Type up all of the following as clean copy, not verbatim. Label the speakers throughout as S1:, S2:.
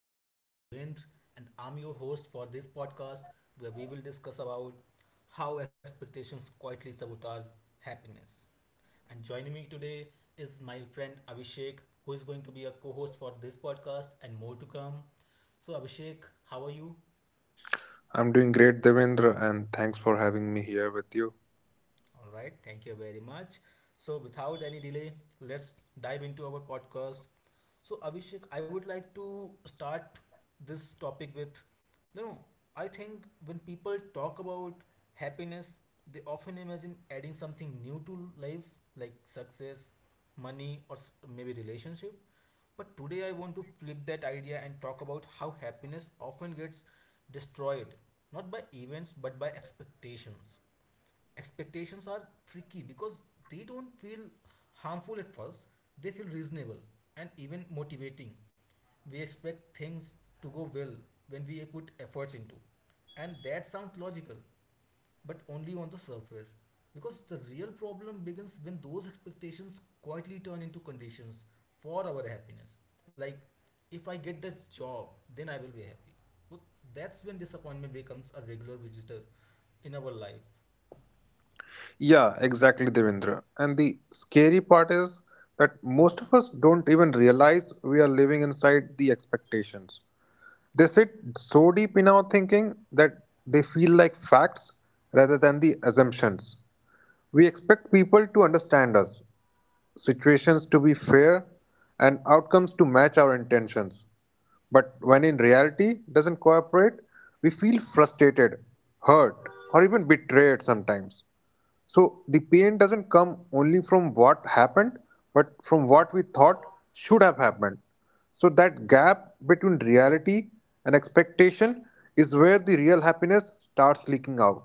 S1: My name is Devendra, and I'm your host for this podcast where we will discuss about how expectations quietly sabotage happiness. And joining me today is my friend Abhishek, who is going to be a co host for this podcast and more to come. So, Abhishek, how are you?
S2: I'm doing great, Devendra, and thanks for having me here with you.
S1: All right, thank you very much. So, without any delay, let's dive into our podcast. So, Abhishek, I would like to start this topic with you know, I think when people talk about happiness, they often imagine adding something new to life like success, money, or maybe relationship. But today, I want to flip that idea and talk about how happiness often gets destroyed, not by events but by expectations. Expectations are tricky because they don't feel harmful at first. They feel reasonable and even motivating. We expect things to go well when we put efforts into, and that sounds logical, but only on the surface, because the real problem begins when those expectations quietly turn into conditions for our happiness. Like, if I get that job, then I will be happy. Well, that's when disappointment becomes a regular visitor in our life.
S2: Yeah, exactly, Devendra. And the scary part is that most of us don't even realize we are living inside the expectations. They sit so deep in our thinking that they feel like facts rather than the assumptions. We expect people to understand us, situations to be fair, and outcomes to match our intentions. But when in reality doesn't cooperate, we feel frustrated, hurt, or even betrayed sometimes. So the pain doesn't come only from what happened, but from what we thought should have happened. So that gap between reality and expectation is where the real happiness starts leaking out.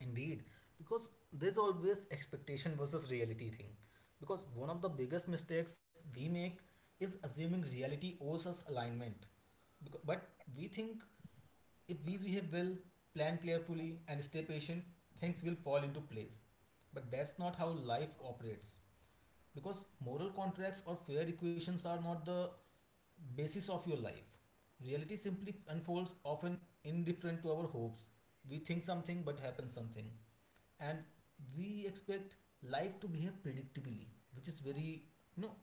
S1: Indeed, because there's always expectation versus reality thing. Because one of the biggest mistakes we make is assuming reality owes us alignment. But we think if we behave well, plan carefully, and stay patient, things will fall into place. But that's not how life operates. Because moral contracts or fair equations are not the basis of your life. Reality simply unfolds, often indifferent to our hopes. We think something but happens something, and we expect life to behave predictably, which is very, you know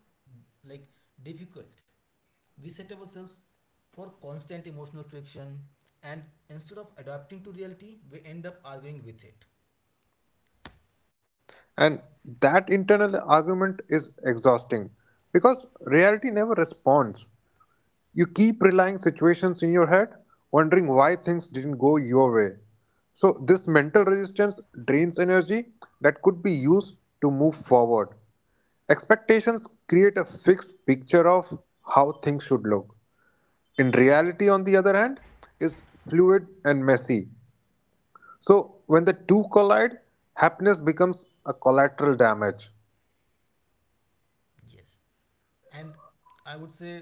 S1: like, difficult. We set ourselves for constant emotional friction, and instead of adapting to reality we end up arguing with it.
S2: And that internal argument is exhausting because reality never responds. You keep relying situations in your head, wondering why things didn't go your way. So this mental resistance drains energy that could be used to move forward. Expectations create a fixed picture of how things should look. In reality, on the other hand, is fluid and messy. So when the two collide, happiness becomes a collateral damage.
S1: Yes. And I would say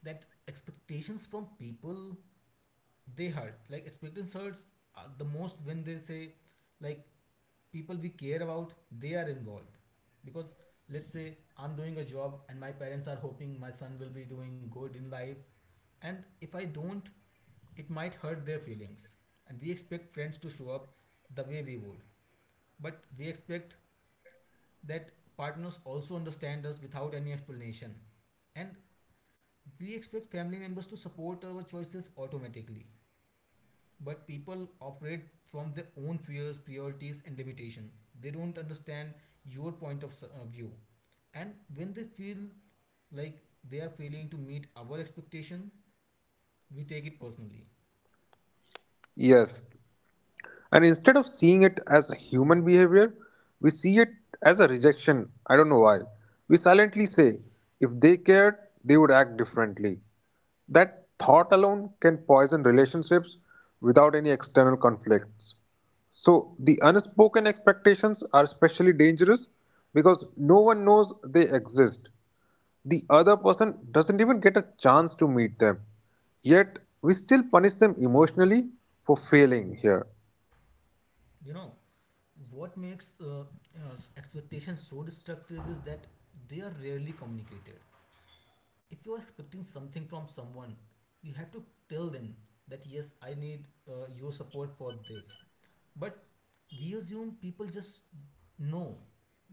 S1: that expectations from people, they hurt. Like, expectations hurts the most when they say, like, people we care about, they are involved. Because let's say I'm doing a job and my parents are hoping my son will be doing good in life, and if I don't, it might hurt their feelings. And we expect friends to show up the way we would, but we expect that partners also understand us without any explanation, and we expect family members to support our choices automatically. But people operate from their own fears, priorities, and limitations. They don't understand your point of view. And when they feel like they are failing to meet our expectation, we take it personally.
S2: Yes. And instead of seeing it as a human behavior, we see it as a rejection. I don't know why. We silently say, if they cared, they would act differently. That thought alone can poison relationships without any external conflicts. So, the unspoken expectations are especially dangerous because no one knows they exist. The other person doesn't even get a chance to meet them. Yet, we still punish them emotionally for failing here.
S1: You know, what makes uh, expectations so destructive is that they are rarely communicated. If you are expecting something from someone, you have to tell them that, yes, I need your support for this. But we assume people just know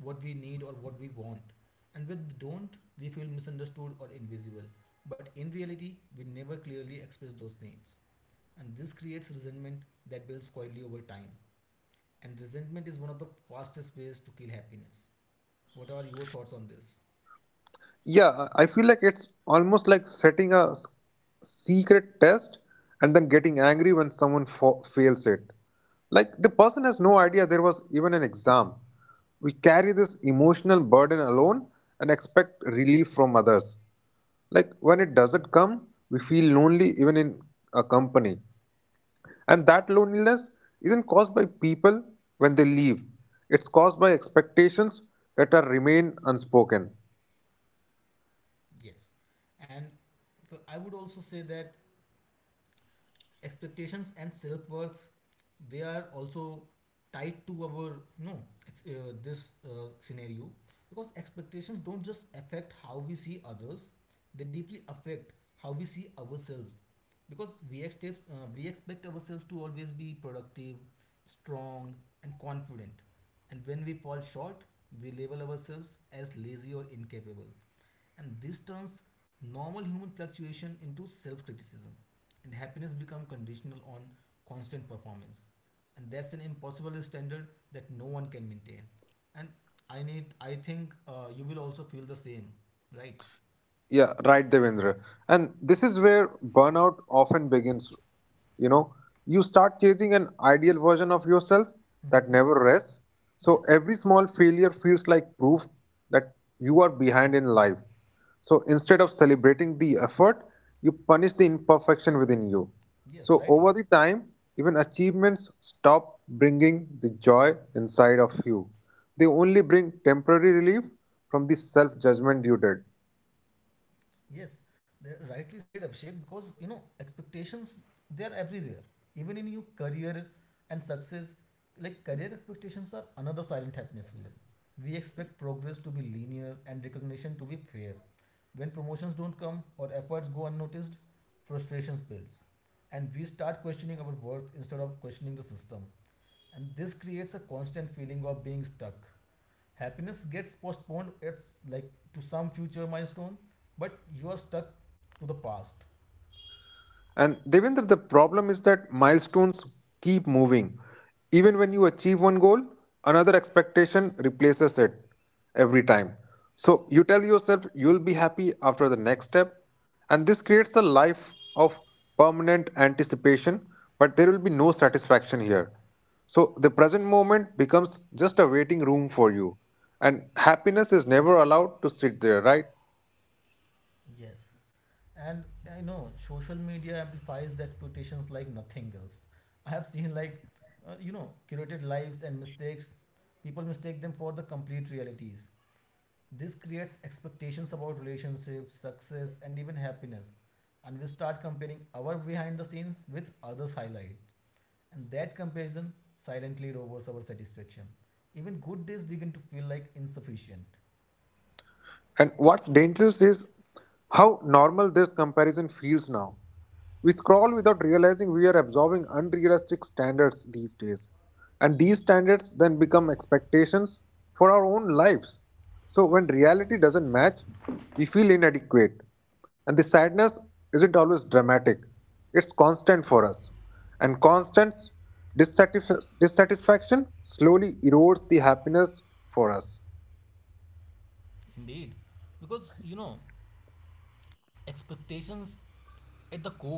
S1: what we need or what we want, and when they don't, we feel misunderstood or invisible. But in reality, we never clearly express those needs, and this creates resentment that builds quietly over time. And resentment is one of the fastest ways to kill happiness. What are your thoughts on this?
S2: Yeah, I feel like it's almost like setting a secret test and then getting angry when someone fails it. Like, the person has no idea there was even an exam. We carry this emotional burden alone and expect relief from others. Like when it doesn't come, we feel lonely even in a company. And that loneliness isn't caused by people when they leave, it's caused by expectations that are remain unspoken.
S1: Yes. And so I would also say that expectations and self worth, they are also tied to our this scenario. Because expectations don't just affect how we see others, they deeply affect how we see ourselves. Because we expect ourselves to always be productive, strong, and confident. And when we fall short, we label ourselves as lazy or incapable, and this turns normal human fluctuation into self-criticism. And happiness become conditional on constant performance, and that's an impossible standard that no one can maintain. And I think you will also feel the same, right?
S2: Yeah, right, Devendra. And this is where burnout often begins. You know, you start chasing an ideal version of yourself that
S1: Mm-hmm.
S2: never rests. So
S1: Yes.
S2: every small failure feels like proof that you are behind in life. So instead of celebrating the effort, you punish the imperfection within you.
S1: Yes,
S2: So
S1: rightly.
S2: over the time, even achievements stop bringing the joy inside of you. They only bring temporary relief from the self judgment you did.
S1: Yes, they rightly said Abhishek because expectations, they are everywhere. Even in your career and success, like career expectations are another silent happiness killer. We expect progress to be linear and recognition to be fair. When promotions don't come or efforts go unnoticed, frustrations builds. And we start questioning our worth instead of questioning the system. And this creates a constant feeling of being stuck. Happiness gets postponed, it's like to some future milestone, but you are stuck to the past.
S2: And Devendra, the problem is that milestones keep moving. Even when you achieve one goal, another expectation replaces it every time. So you tell yourself you'll be happy after the next step. And this creates a life of permanent anticipation, but there will be no satisfaction here. So the present moment becomes just a waiting room for you. And happiness is never allowed to sit there, right?
S1: Yes. And I know social media amplifies the expectations like nothing else. I have seen, like, uh, you know curated lives and mistakes, people mistake them for the complete realities. This creates expectations about relationships, success, and even happiness, and we start comparing our behind the scenes with others highlight. And that comparison silently lowers our satisfaction. Even good days begin to feel like insufficient.
S2: And what's dangerous is how normal this comparison feels now. We scroll without realizing we are absorbing unrealistic standards these days. And these standards then become expectations for our own lives. So when reality doesn't match, we feel inadequate. And the sadness isn't always dramatic, it's constant for us. And constant dissatisfaction slowly erodes the happiness for us.
S1: Indeed, because expectations at the core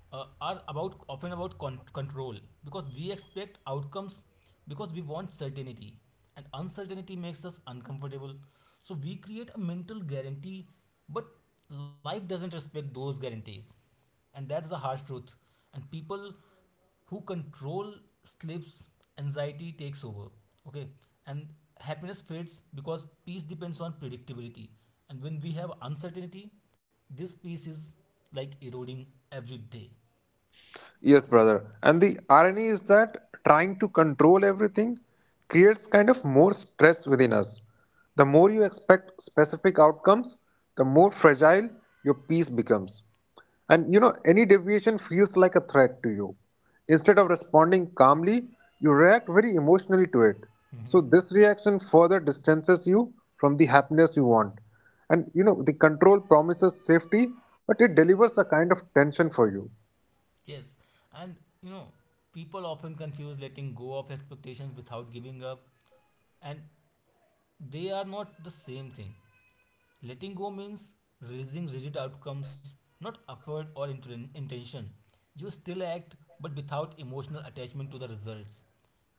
S1: are about, often about, control. Because we expect outcomes because we want certainty, and uncertainty makes us uncomfortable. So we create a mental guarantee, but life doesn't respect those guarantees, and that's the harsh truth. And people who control slips, anxiety takes over. Okay. And happiness fades because peace depends on predictability. And when we have uncertainty, this peace is like eroding every day.
S2: Yes, brother. And the irony is that trying to control everything creates kind of more stress within us. The more you expect specific outcomes, the more fragile your peace becomes. And you know, any deviation feels like a threat to you. Instead of responding calmly, you react very emotionally to it. So,
S1: Mhm.
S2: this reaction further distances you from the happiness you want. And you know, the control promises safety, but it delivers a kind of tension for you.
S1: Yes, and you know, people often confuse letting go of expectations without giving up, and they are not the same thing. Letting go means releasing rigid outcomes, not effort or intention. You still act, but without emotional attachment to the results.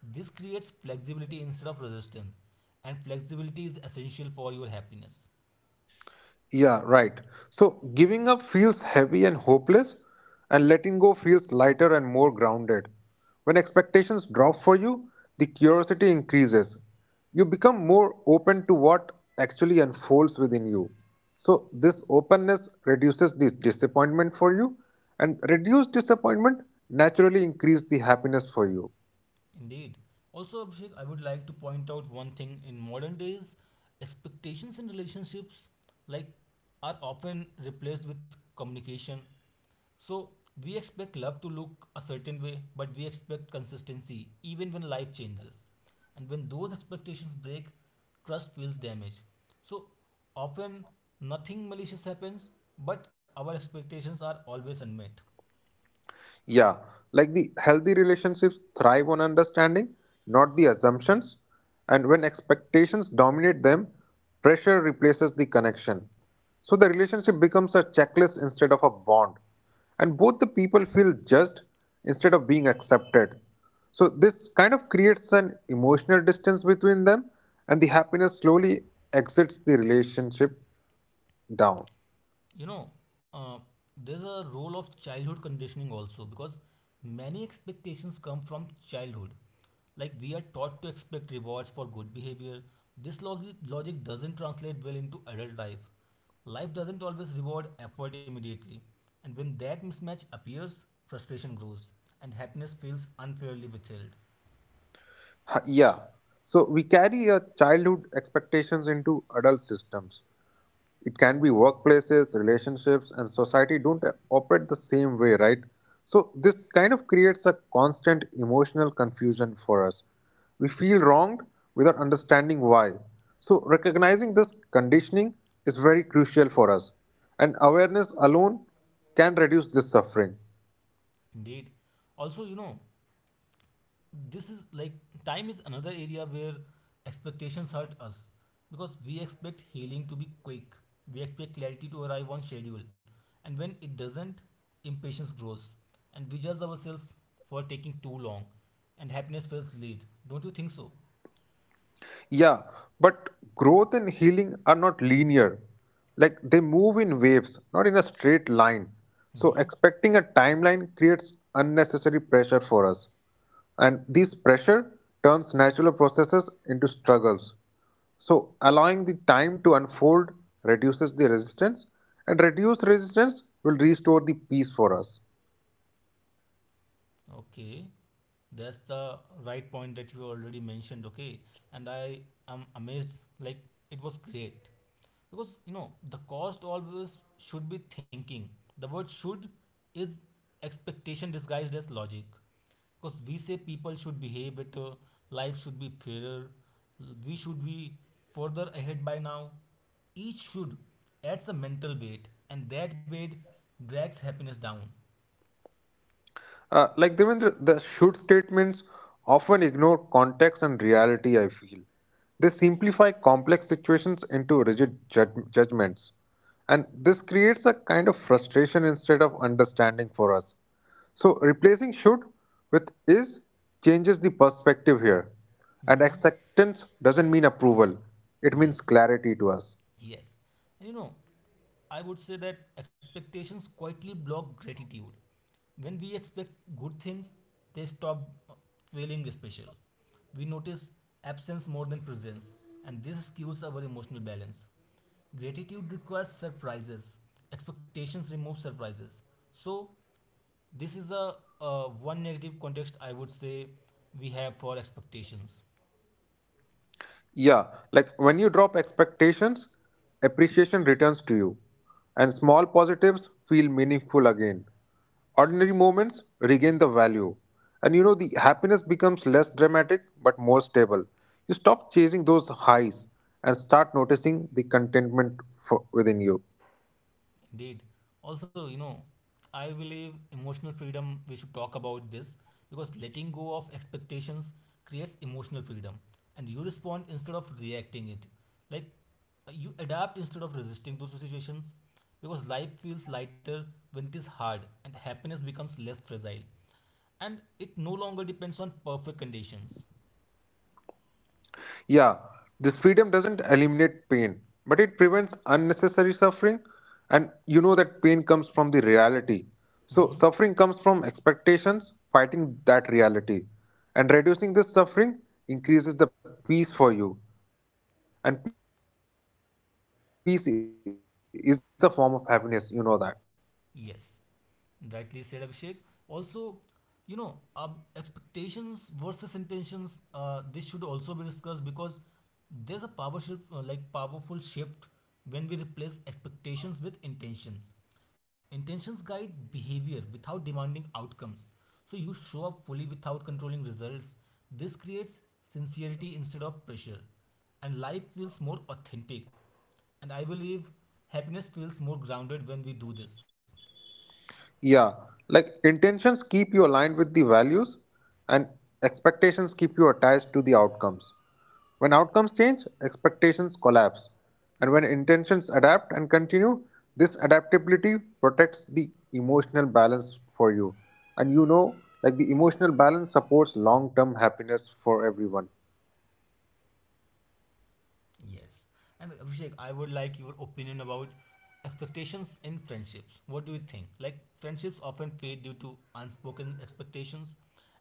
S1: This creates flexibility instead of resistance, and flexibility is essential for your happiness.
S2: Yeah, right. So giving up feels heavy and hopeless, and letting go feels lighter and more grounded. When expectations drop for you, the curiosity increases. You become more open to what actually unfolds within you. So, this openness reduces this disappointment for you, and reduced disappointment naturally increases the happiness for you.
S1: Indeed. Also, Abhishek, I would like to point out one thing. In modern days, expectations in relationships, like, are often replaced with communication. So we expect love to look a certain way, but we expect consistency even when life changes. And when those expectations break, trust feels damaged. So often nothing malicious happens, but our expectations are always unmet.
S2: Yeah, like the healthy relationships thrive on understanding, not the assumptions. And when expectations dominate them, pressure replaces the connection. So the relationship becomes a checklist instead of a bond. And both the people feel judged instead of being accepted. So this kind of creates an emotional distance between them, and the happiness slowly exits the relationship down.
S1: You know, uh, there's a role of childhood conditioning also because many expectations come from childhood. Like, we are taught to expect rewards for good behavior. This logic doesn't translate well into adult life. Life doesn't always reward effort immediately. And when that mismatch appears, frustration grows and happiness feels unfairly withheld.
S2: Yeah. So we carry our childhood expectations into adult systems. It can be workplaces, relationships, and society don't operate the same way, right? So this kind of creates a constant emotional confusion for us. We feel wronged without understanding why. So recognizing this conditioning is very crucial for us, and awareness alone can reduce this suffering.
S1: Indeed. Also, this is, like, time is another area where expectations hurt us, because we expect healing to be quick, we expect clarity to arrive on schedule, and when it doesn't, impatience grows and we judge ourselves for taking too long, and happiness feels late. Don't you think so?
S2: Yeah, but growth and healing are not linear. Like they move in waves, not in a straight line. So
S1: Hmm.
S2: expecting a timeline creates unnecessary pressure for us. And this pressure turns natural processes into struggles. So allowing the time to unfold reduces the resistance, and reduced resistance will restore the peace for us.
S1: Okay, that's the right point that you already mentioned. Okay. And I am amazed, like, it was great. Because the cost always should be thinking, the word should is expectation disguised as logic. Because we say people should behave better, life should be fairer, we should be further ahead by now. Each should adds a mental weight, and that weight drags happiness down.
S2: Like Devendra, the should statements often ignore context and reality, I feel. They simplify complex situations into rigid judgments. And this creates a kind of frustration instead of understanding for us. So replacing should with is changes the perspective here. And
S1: Mhm.
S2: acceptance doesn't mean approval, it means
S1: Yes.
S2: clarity to us.
S1: Yes. And I would say that expectations quietly block gratitude. When we expect good things, they stop feeling special. We notice absence more than presence, and this skews our emotional balance. Gratitude requires surprises. Expectations remove surprises. So, this is a one negative context, I would say, we have for expectations.
S2: Yeah, like when you drop expectations, appreciation returns to you, and small positives feel meaningful again. Ordinary moments regain the value, and you know the happiness becomes less dramatic but more stable. You stop chasing those highs and start noticing the contentment for, within you.
S1: Indeed. Also, I believe emotional freedom, we should talk about this, because letting go of expectations creates emotional freedom and you respond instead of reacting it. Like, you adapt instead of resisting those situations, because life feels lighter when it is hard and happiness becomes less fragile and it no longer depends on perfect conditions.
S2: Yeah, this freedom doesn't eliminate pain, but it prevents unnecessary suffering. And you know that pain comes from the reality.
S1: Mhm.
S2: So, suffering comes from expectations, fighting that reality. And reducing this suffering increases the peace for you. And peace is a form of happiness, you know that.
S1: Yes. Rightly said, Abhishek. Also, expectations versus intentions. This should also be discussed, because there's a power shift, like powerful shift, when we replace expectations with intentions. Intentions guide behavior without demanding outcomes. So you show up fully without controlling results. This creates sincerity instead of pressure, and life feels more authentic. And I believe happiness feels more grounded when we do this.
S2: Yeah, like intentions keep you aligned with the values, and expectations keep you attached to the outcomes. When outcomes change, expectations collapse. And when intentions adapt and continue, this adaptability protects the emotional balance for you. And you know, like the emotional balance supports long term happiness for everyone.
S1: Yes. And Abhishek, I would like your opinion about expectations in friendships. What do you think? Like, friendships often fade due to unspoken expectations,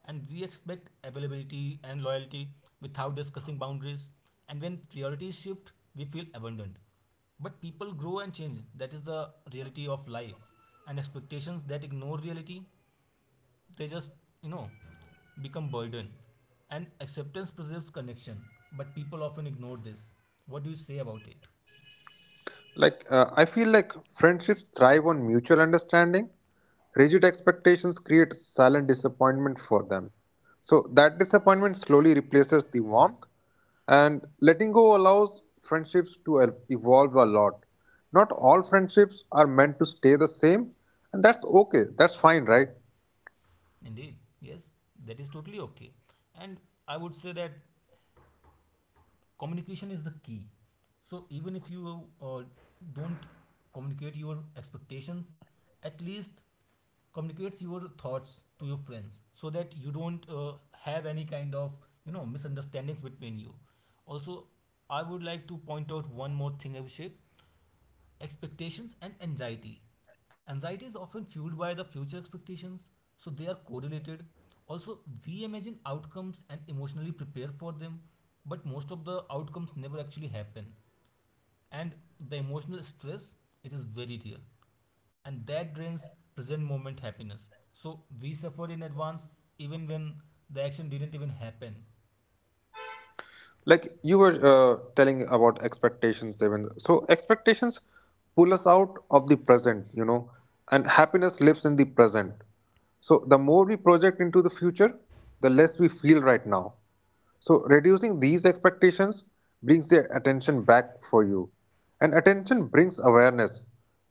S1: and we expect availability and loyalty without discussing boundaries. And when priorities shift, we feel abandoned. But people grow and change. That is the reality of life. And expectations that ignore reality, they just, you know become burden, and acceptance preserves connection, but people often ignore this. What do you say about it?
S2: Like, I feel like friendships thrive on mutual understanding. Rigid expectations create silent disappointment for them. So, that disappointment slowly replaces the warmth, and letting go allows friendships to evolve a lot. Not all friendships are meant to stay the same, and that's okay, that's fine, right?
S1: Indeed. Yes. That is totally okay. And I would say that communication is the key. So even if you uh, don't communicate your expectations, at least communicates your thoughts to your friends so that you don't have any kind of misunderstandings between you. Also, I would like to point out one more thing, Abhishek. Expectations and anxiety. Anxiety is often fueled by the future expectations, so they are correlated. Also, we imagine outcomes and emotionally prepare for them, but most of the outcomes never actually happen. And the emotional stress, it is very real, and that drains present moment happiness. So we suffer in advance even when the action didn't even happen.
S2: Like you were telling about expectations, Devin. So expectations pull us out of the present, you know, and happiness lives in the present. So the more we project into the future, the less we feel right now. So reducing these expectations brings their attention back for you. And attention brings awareness.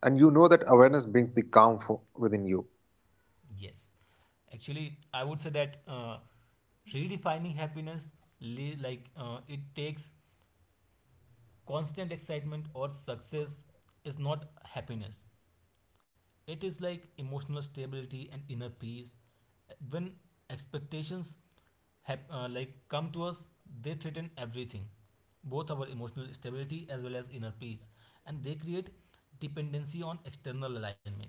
S2: And you know that awareness brings the calm for, within you.
S1: Yes, actually, I would say that redefining happiness, it takes constant excitement or success is not happiness. It is like emotional stability and inner peace. When expectations have like come to us, they threaten everything, both our emotional stability as well as inner peace, and they create dependency on external alignment.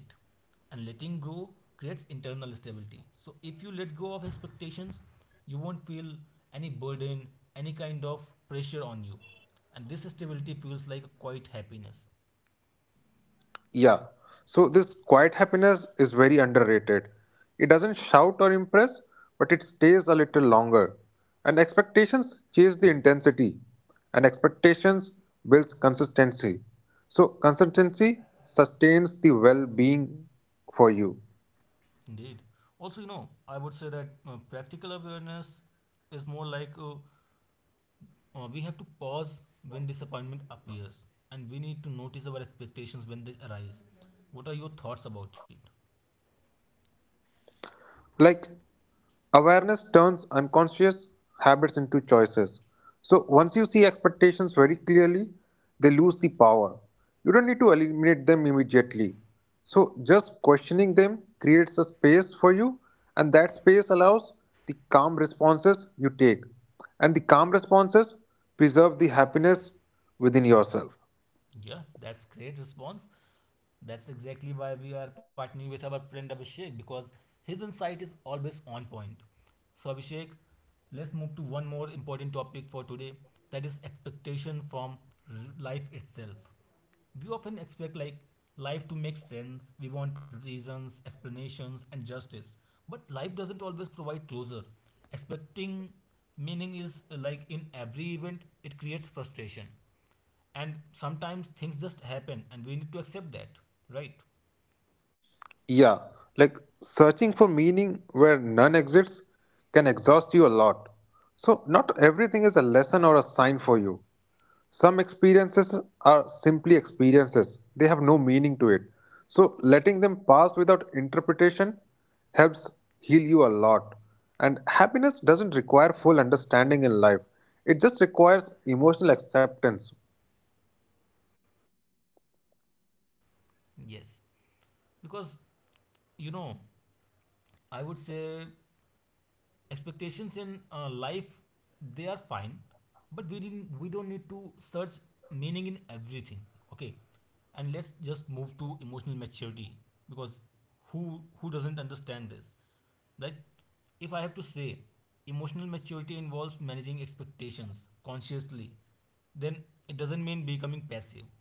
S1: And letting go creates internal stability. So if you let go of expectations, you won't feel any burden, any kind of pressure on you, and this stability feels like a quiet happiness.
S2: Yeah. So this quiet happiness is very underrated. It doesn't shout or impress, but it stays a little longer. And expectations chase the intensity, and expectations builds consistency. So consistency sustains the well-being for you.
S1: Indeed. Also, you know, I would say that practical awareness is more like we have to pause when disappointment appears, and we need to notice our expectations when they arise. What are your thoughts about it?
S2: Like awareness turns unconscious habits into choices. So once you see expectations very clearly, they lose the power. You don't need to eliminate them immediately. So just questioning them creates a space for you, and that space allows the calm responses you take. And the calm responses preserve the happiness within yourself.
S1: Yeah, that's great response. That's exactly why we are partnering with our friend Abhishek, because his insight is always on point. So Abhishek, let's move to one more important topic for today, that is expectation from life itself. We often expect like life to make sense. We want reasons, explanations, and justice. But life doesn't always provide closure. Expecting meaning is, like, in every event, it creates frustration. And sometimes things just happen, and we need to accept that, right?
S2: Yeah, like searching for meaning where none exists can exhaust you a lot. So, not everything is a lesson or a sign for you. Some experiences are simply experiences, they have no meaning to it. So, letting them pass without interpretation helps heal you a lot. And happiness doesn't require full understanding in life, it just requires emotional acceptance.
S1: Yes. Because, you know, I would say expectations in life, they are fine, but we don't need to search meaning in everything. Okay, and let's just move to emotional maturity, because who doesn't understand this, right? If I have to say, emotional maturity involves managing expectations consciously, then it doesn't mean becoming passive.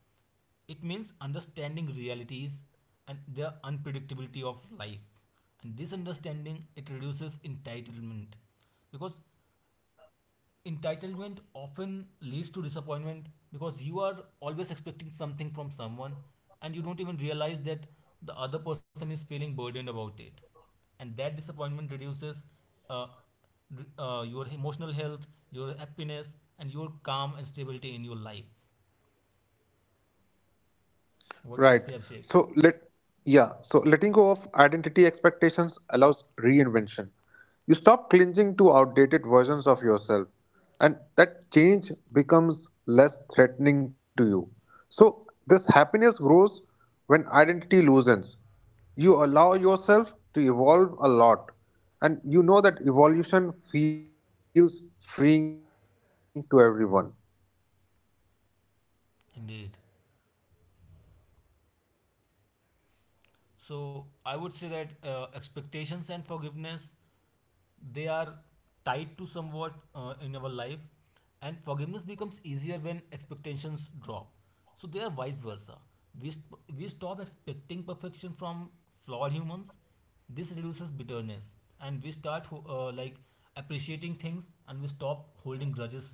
S1: It means understanding realities and the unpredictability of life. And this understanding, it reduces entitlement, because entitlement often leads to disappointment, because you are always expecting something from someone, and you don't even realize that the other person is feeling burdened about it. And that disappointment reduces uh, your emotional health, your happiness, and your calm and stability in your life.
S2: Right.
S1: What do you say,
S2: So
S1: Abhishek?
S2: let Yeah, so letting go of identity expectations allows reinvention. You stop clinging to outdated versions of yourself, and that change becomes less threatening to you. So this happiness grows when identity loosens. You allow yourself to evolve a lot, and you know that evolution feels freeing to everyone.
S1: Indeed. So I would say that expectations and forgiveness, they are tied to somewhat in our life, and forgiveness becomes easier when expectations drop. So they are vice versa. We st- we stop expecting perfection from flawed humans. This reduces bitterness, and we start like appreciating things, and we stop holding grudges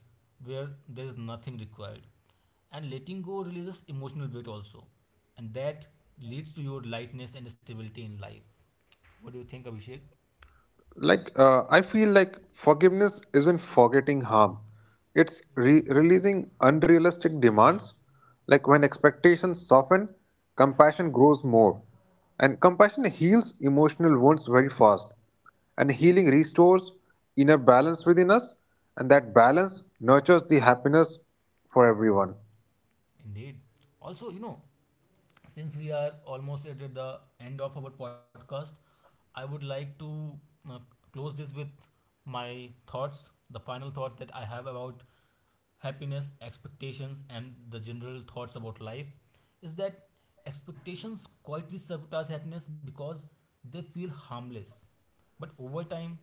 S1: where there is nothing required. And letting go releases emotional weight also, and that leads to your lightness and stability in life. What do you think, Abhishek?
S2: Like I feel like forgiveness isn't forgetting harm, it's releasing unrealistic demands. Like when expectations soften, compassion grows more, and compassion heals emotional wounds very fast. And healing restores inner balance within us, and that balance nurtures the happiness for everyone.
S1: Indeed. Also, you know, since we are almost at the end of our podcast, I would like to uh, close this with my thoughts. The final thought that I have about happiness, expectations, and the general thoughts about life is that expectations quietly sabotage happiness because they feel harmless. But over time,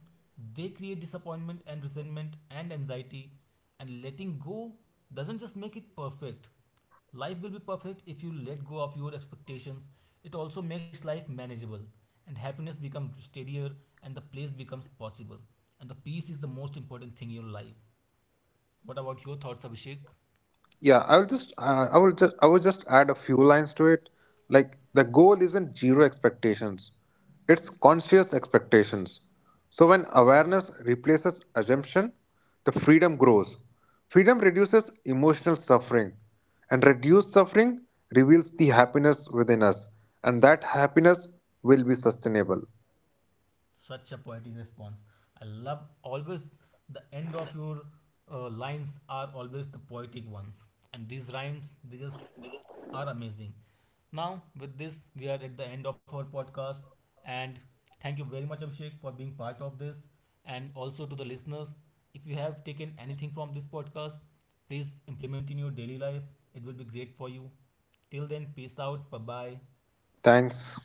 S1: they create disappointment and resentment and anxiety. And letting go doesn't just make it perfect. Life will be perfect if you let go of your expectations. It also makes life manageable, and happiness becomes steadier, and the place becomes possible. And the peace is the most important thing in your life. What about your thoughts, Abhishek?
S2: Yeah, I will just add a few lines to it. Like the goal isn't zero expectations; it's conscious expectations. So when awareness replaces assumption, the freedom grows. Freedom reduces emotional suffering, and reduced suffering reveals the happiness within us, and that happiness will be sustainable.
S1: Such a poetic response. I love always the end of your lines are always the poetic ones, and these rhymes they just are amazing. Now, with this, we are at the end of our podcast, and thank you very much, Abhishek, for being part of this, and also to the listeners. If you have taken anything from this podcast, please implement in your daily life. It will be great for you. Till then, peace out. Bye bye.
S2: Thanks.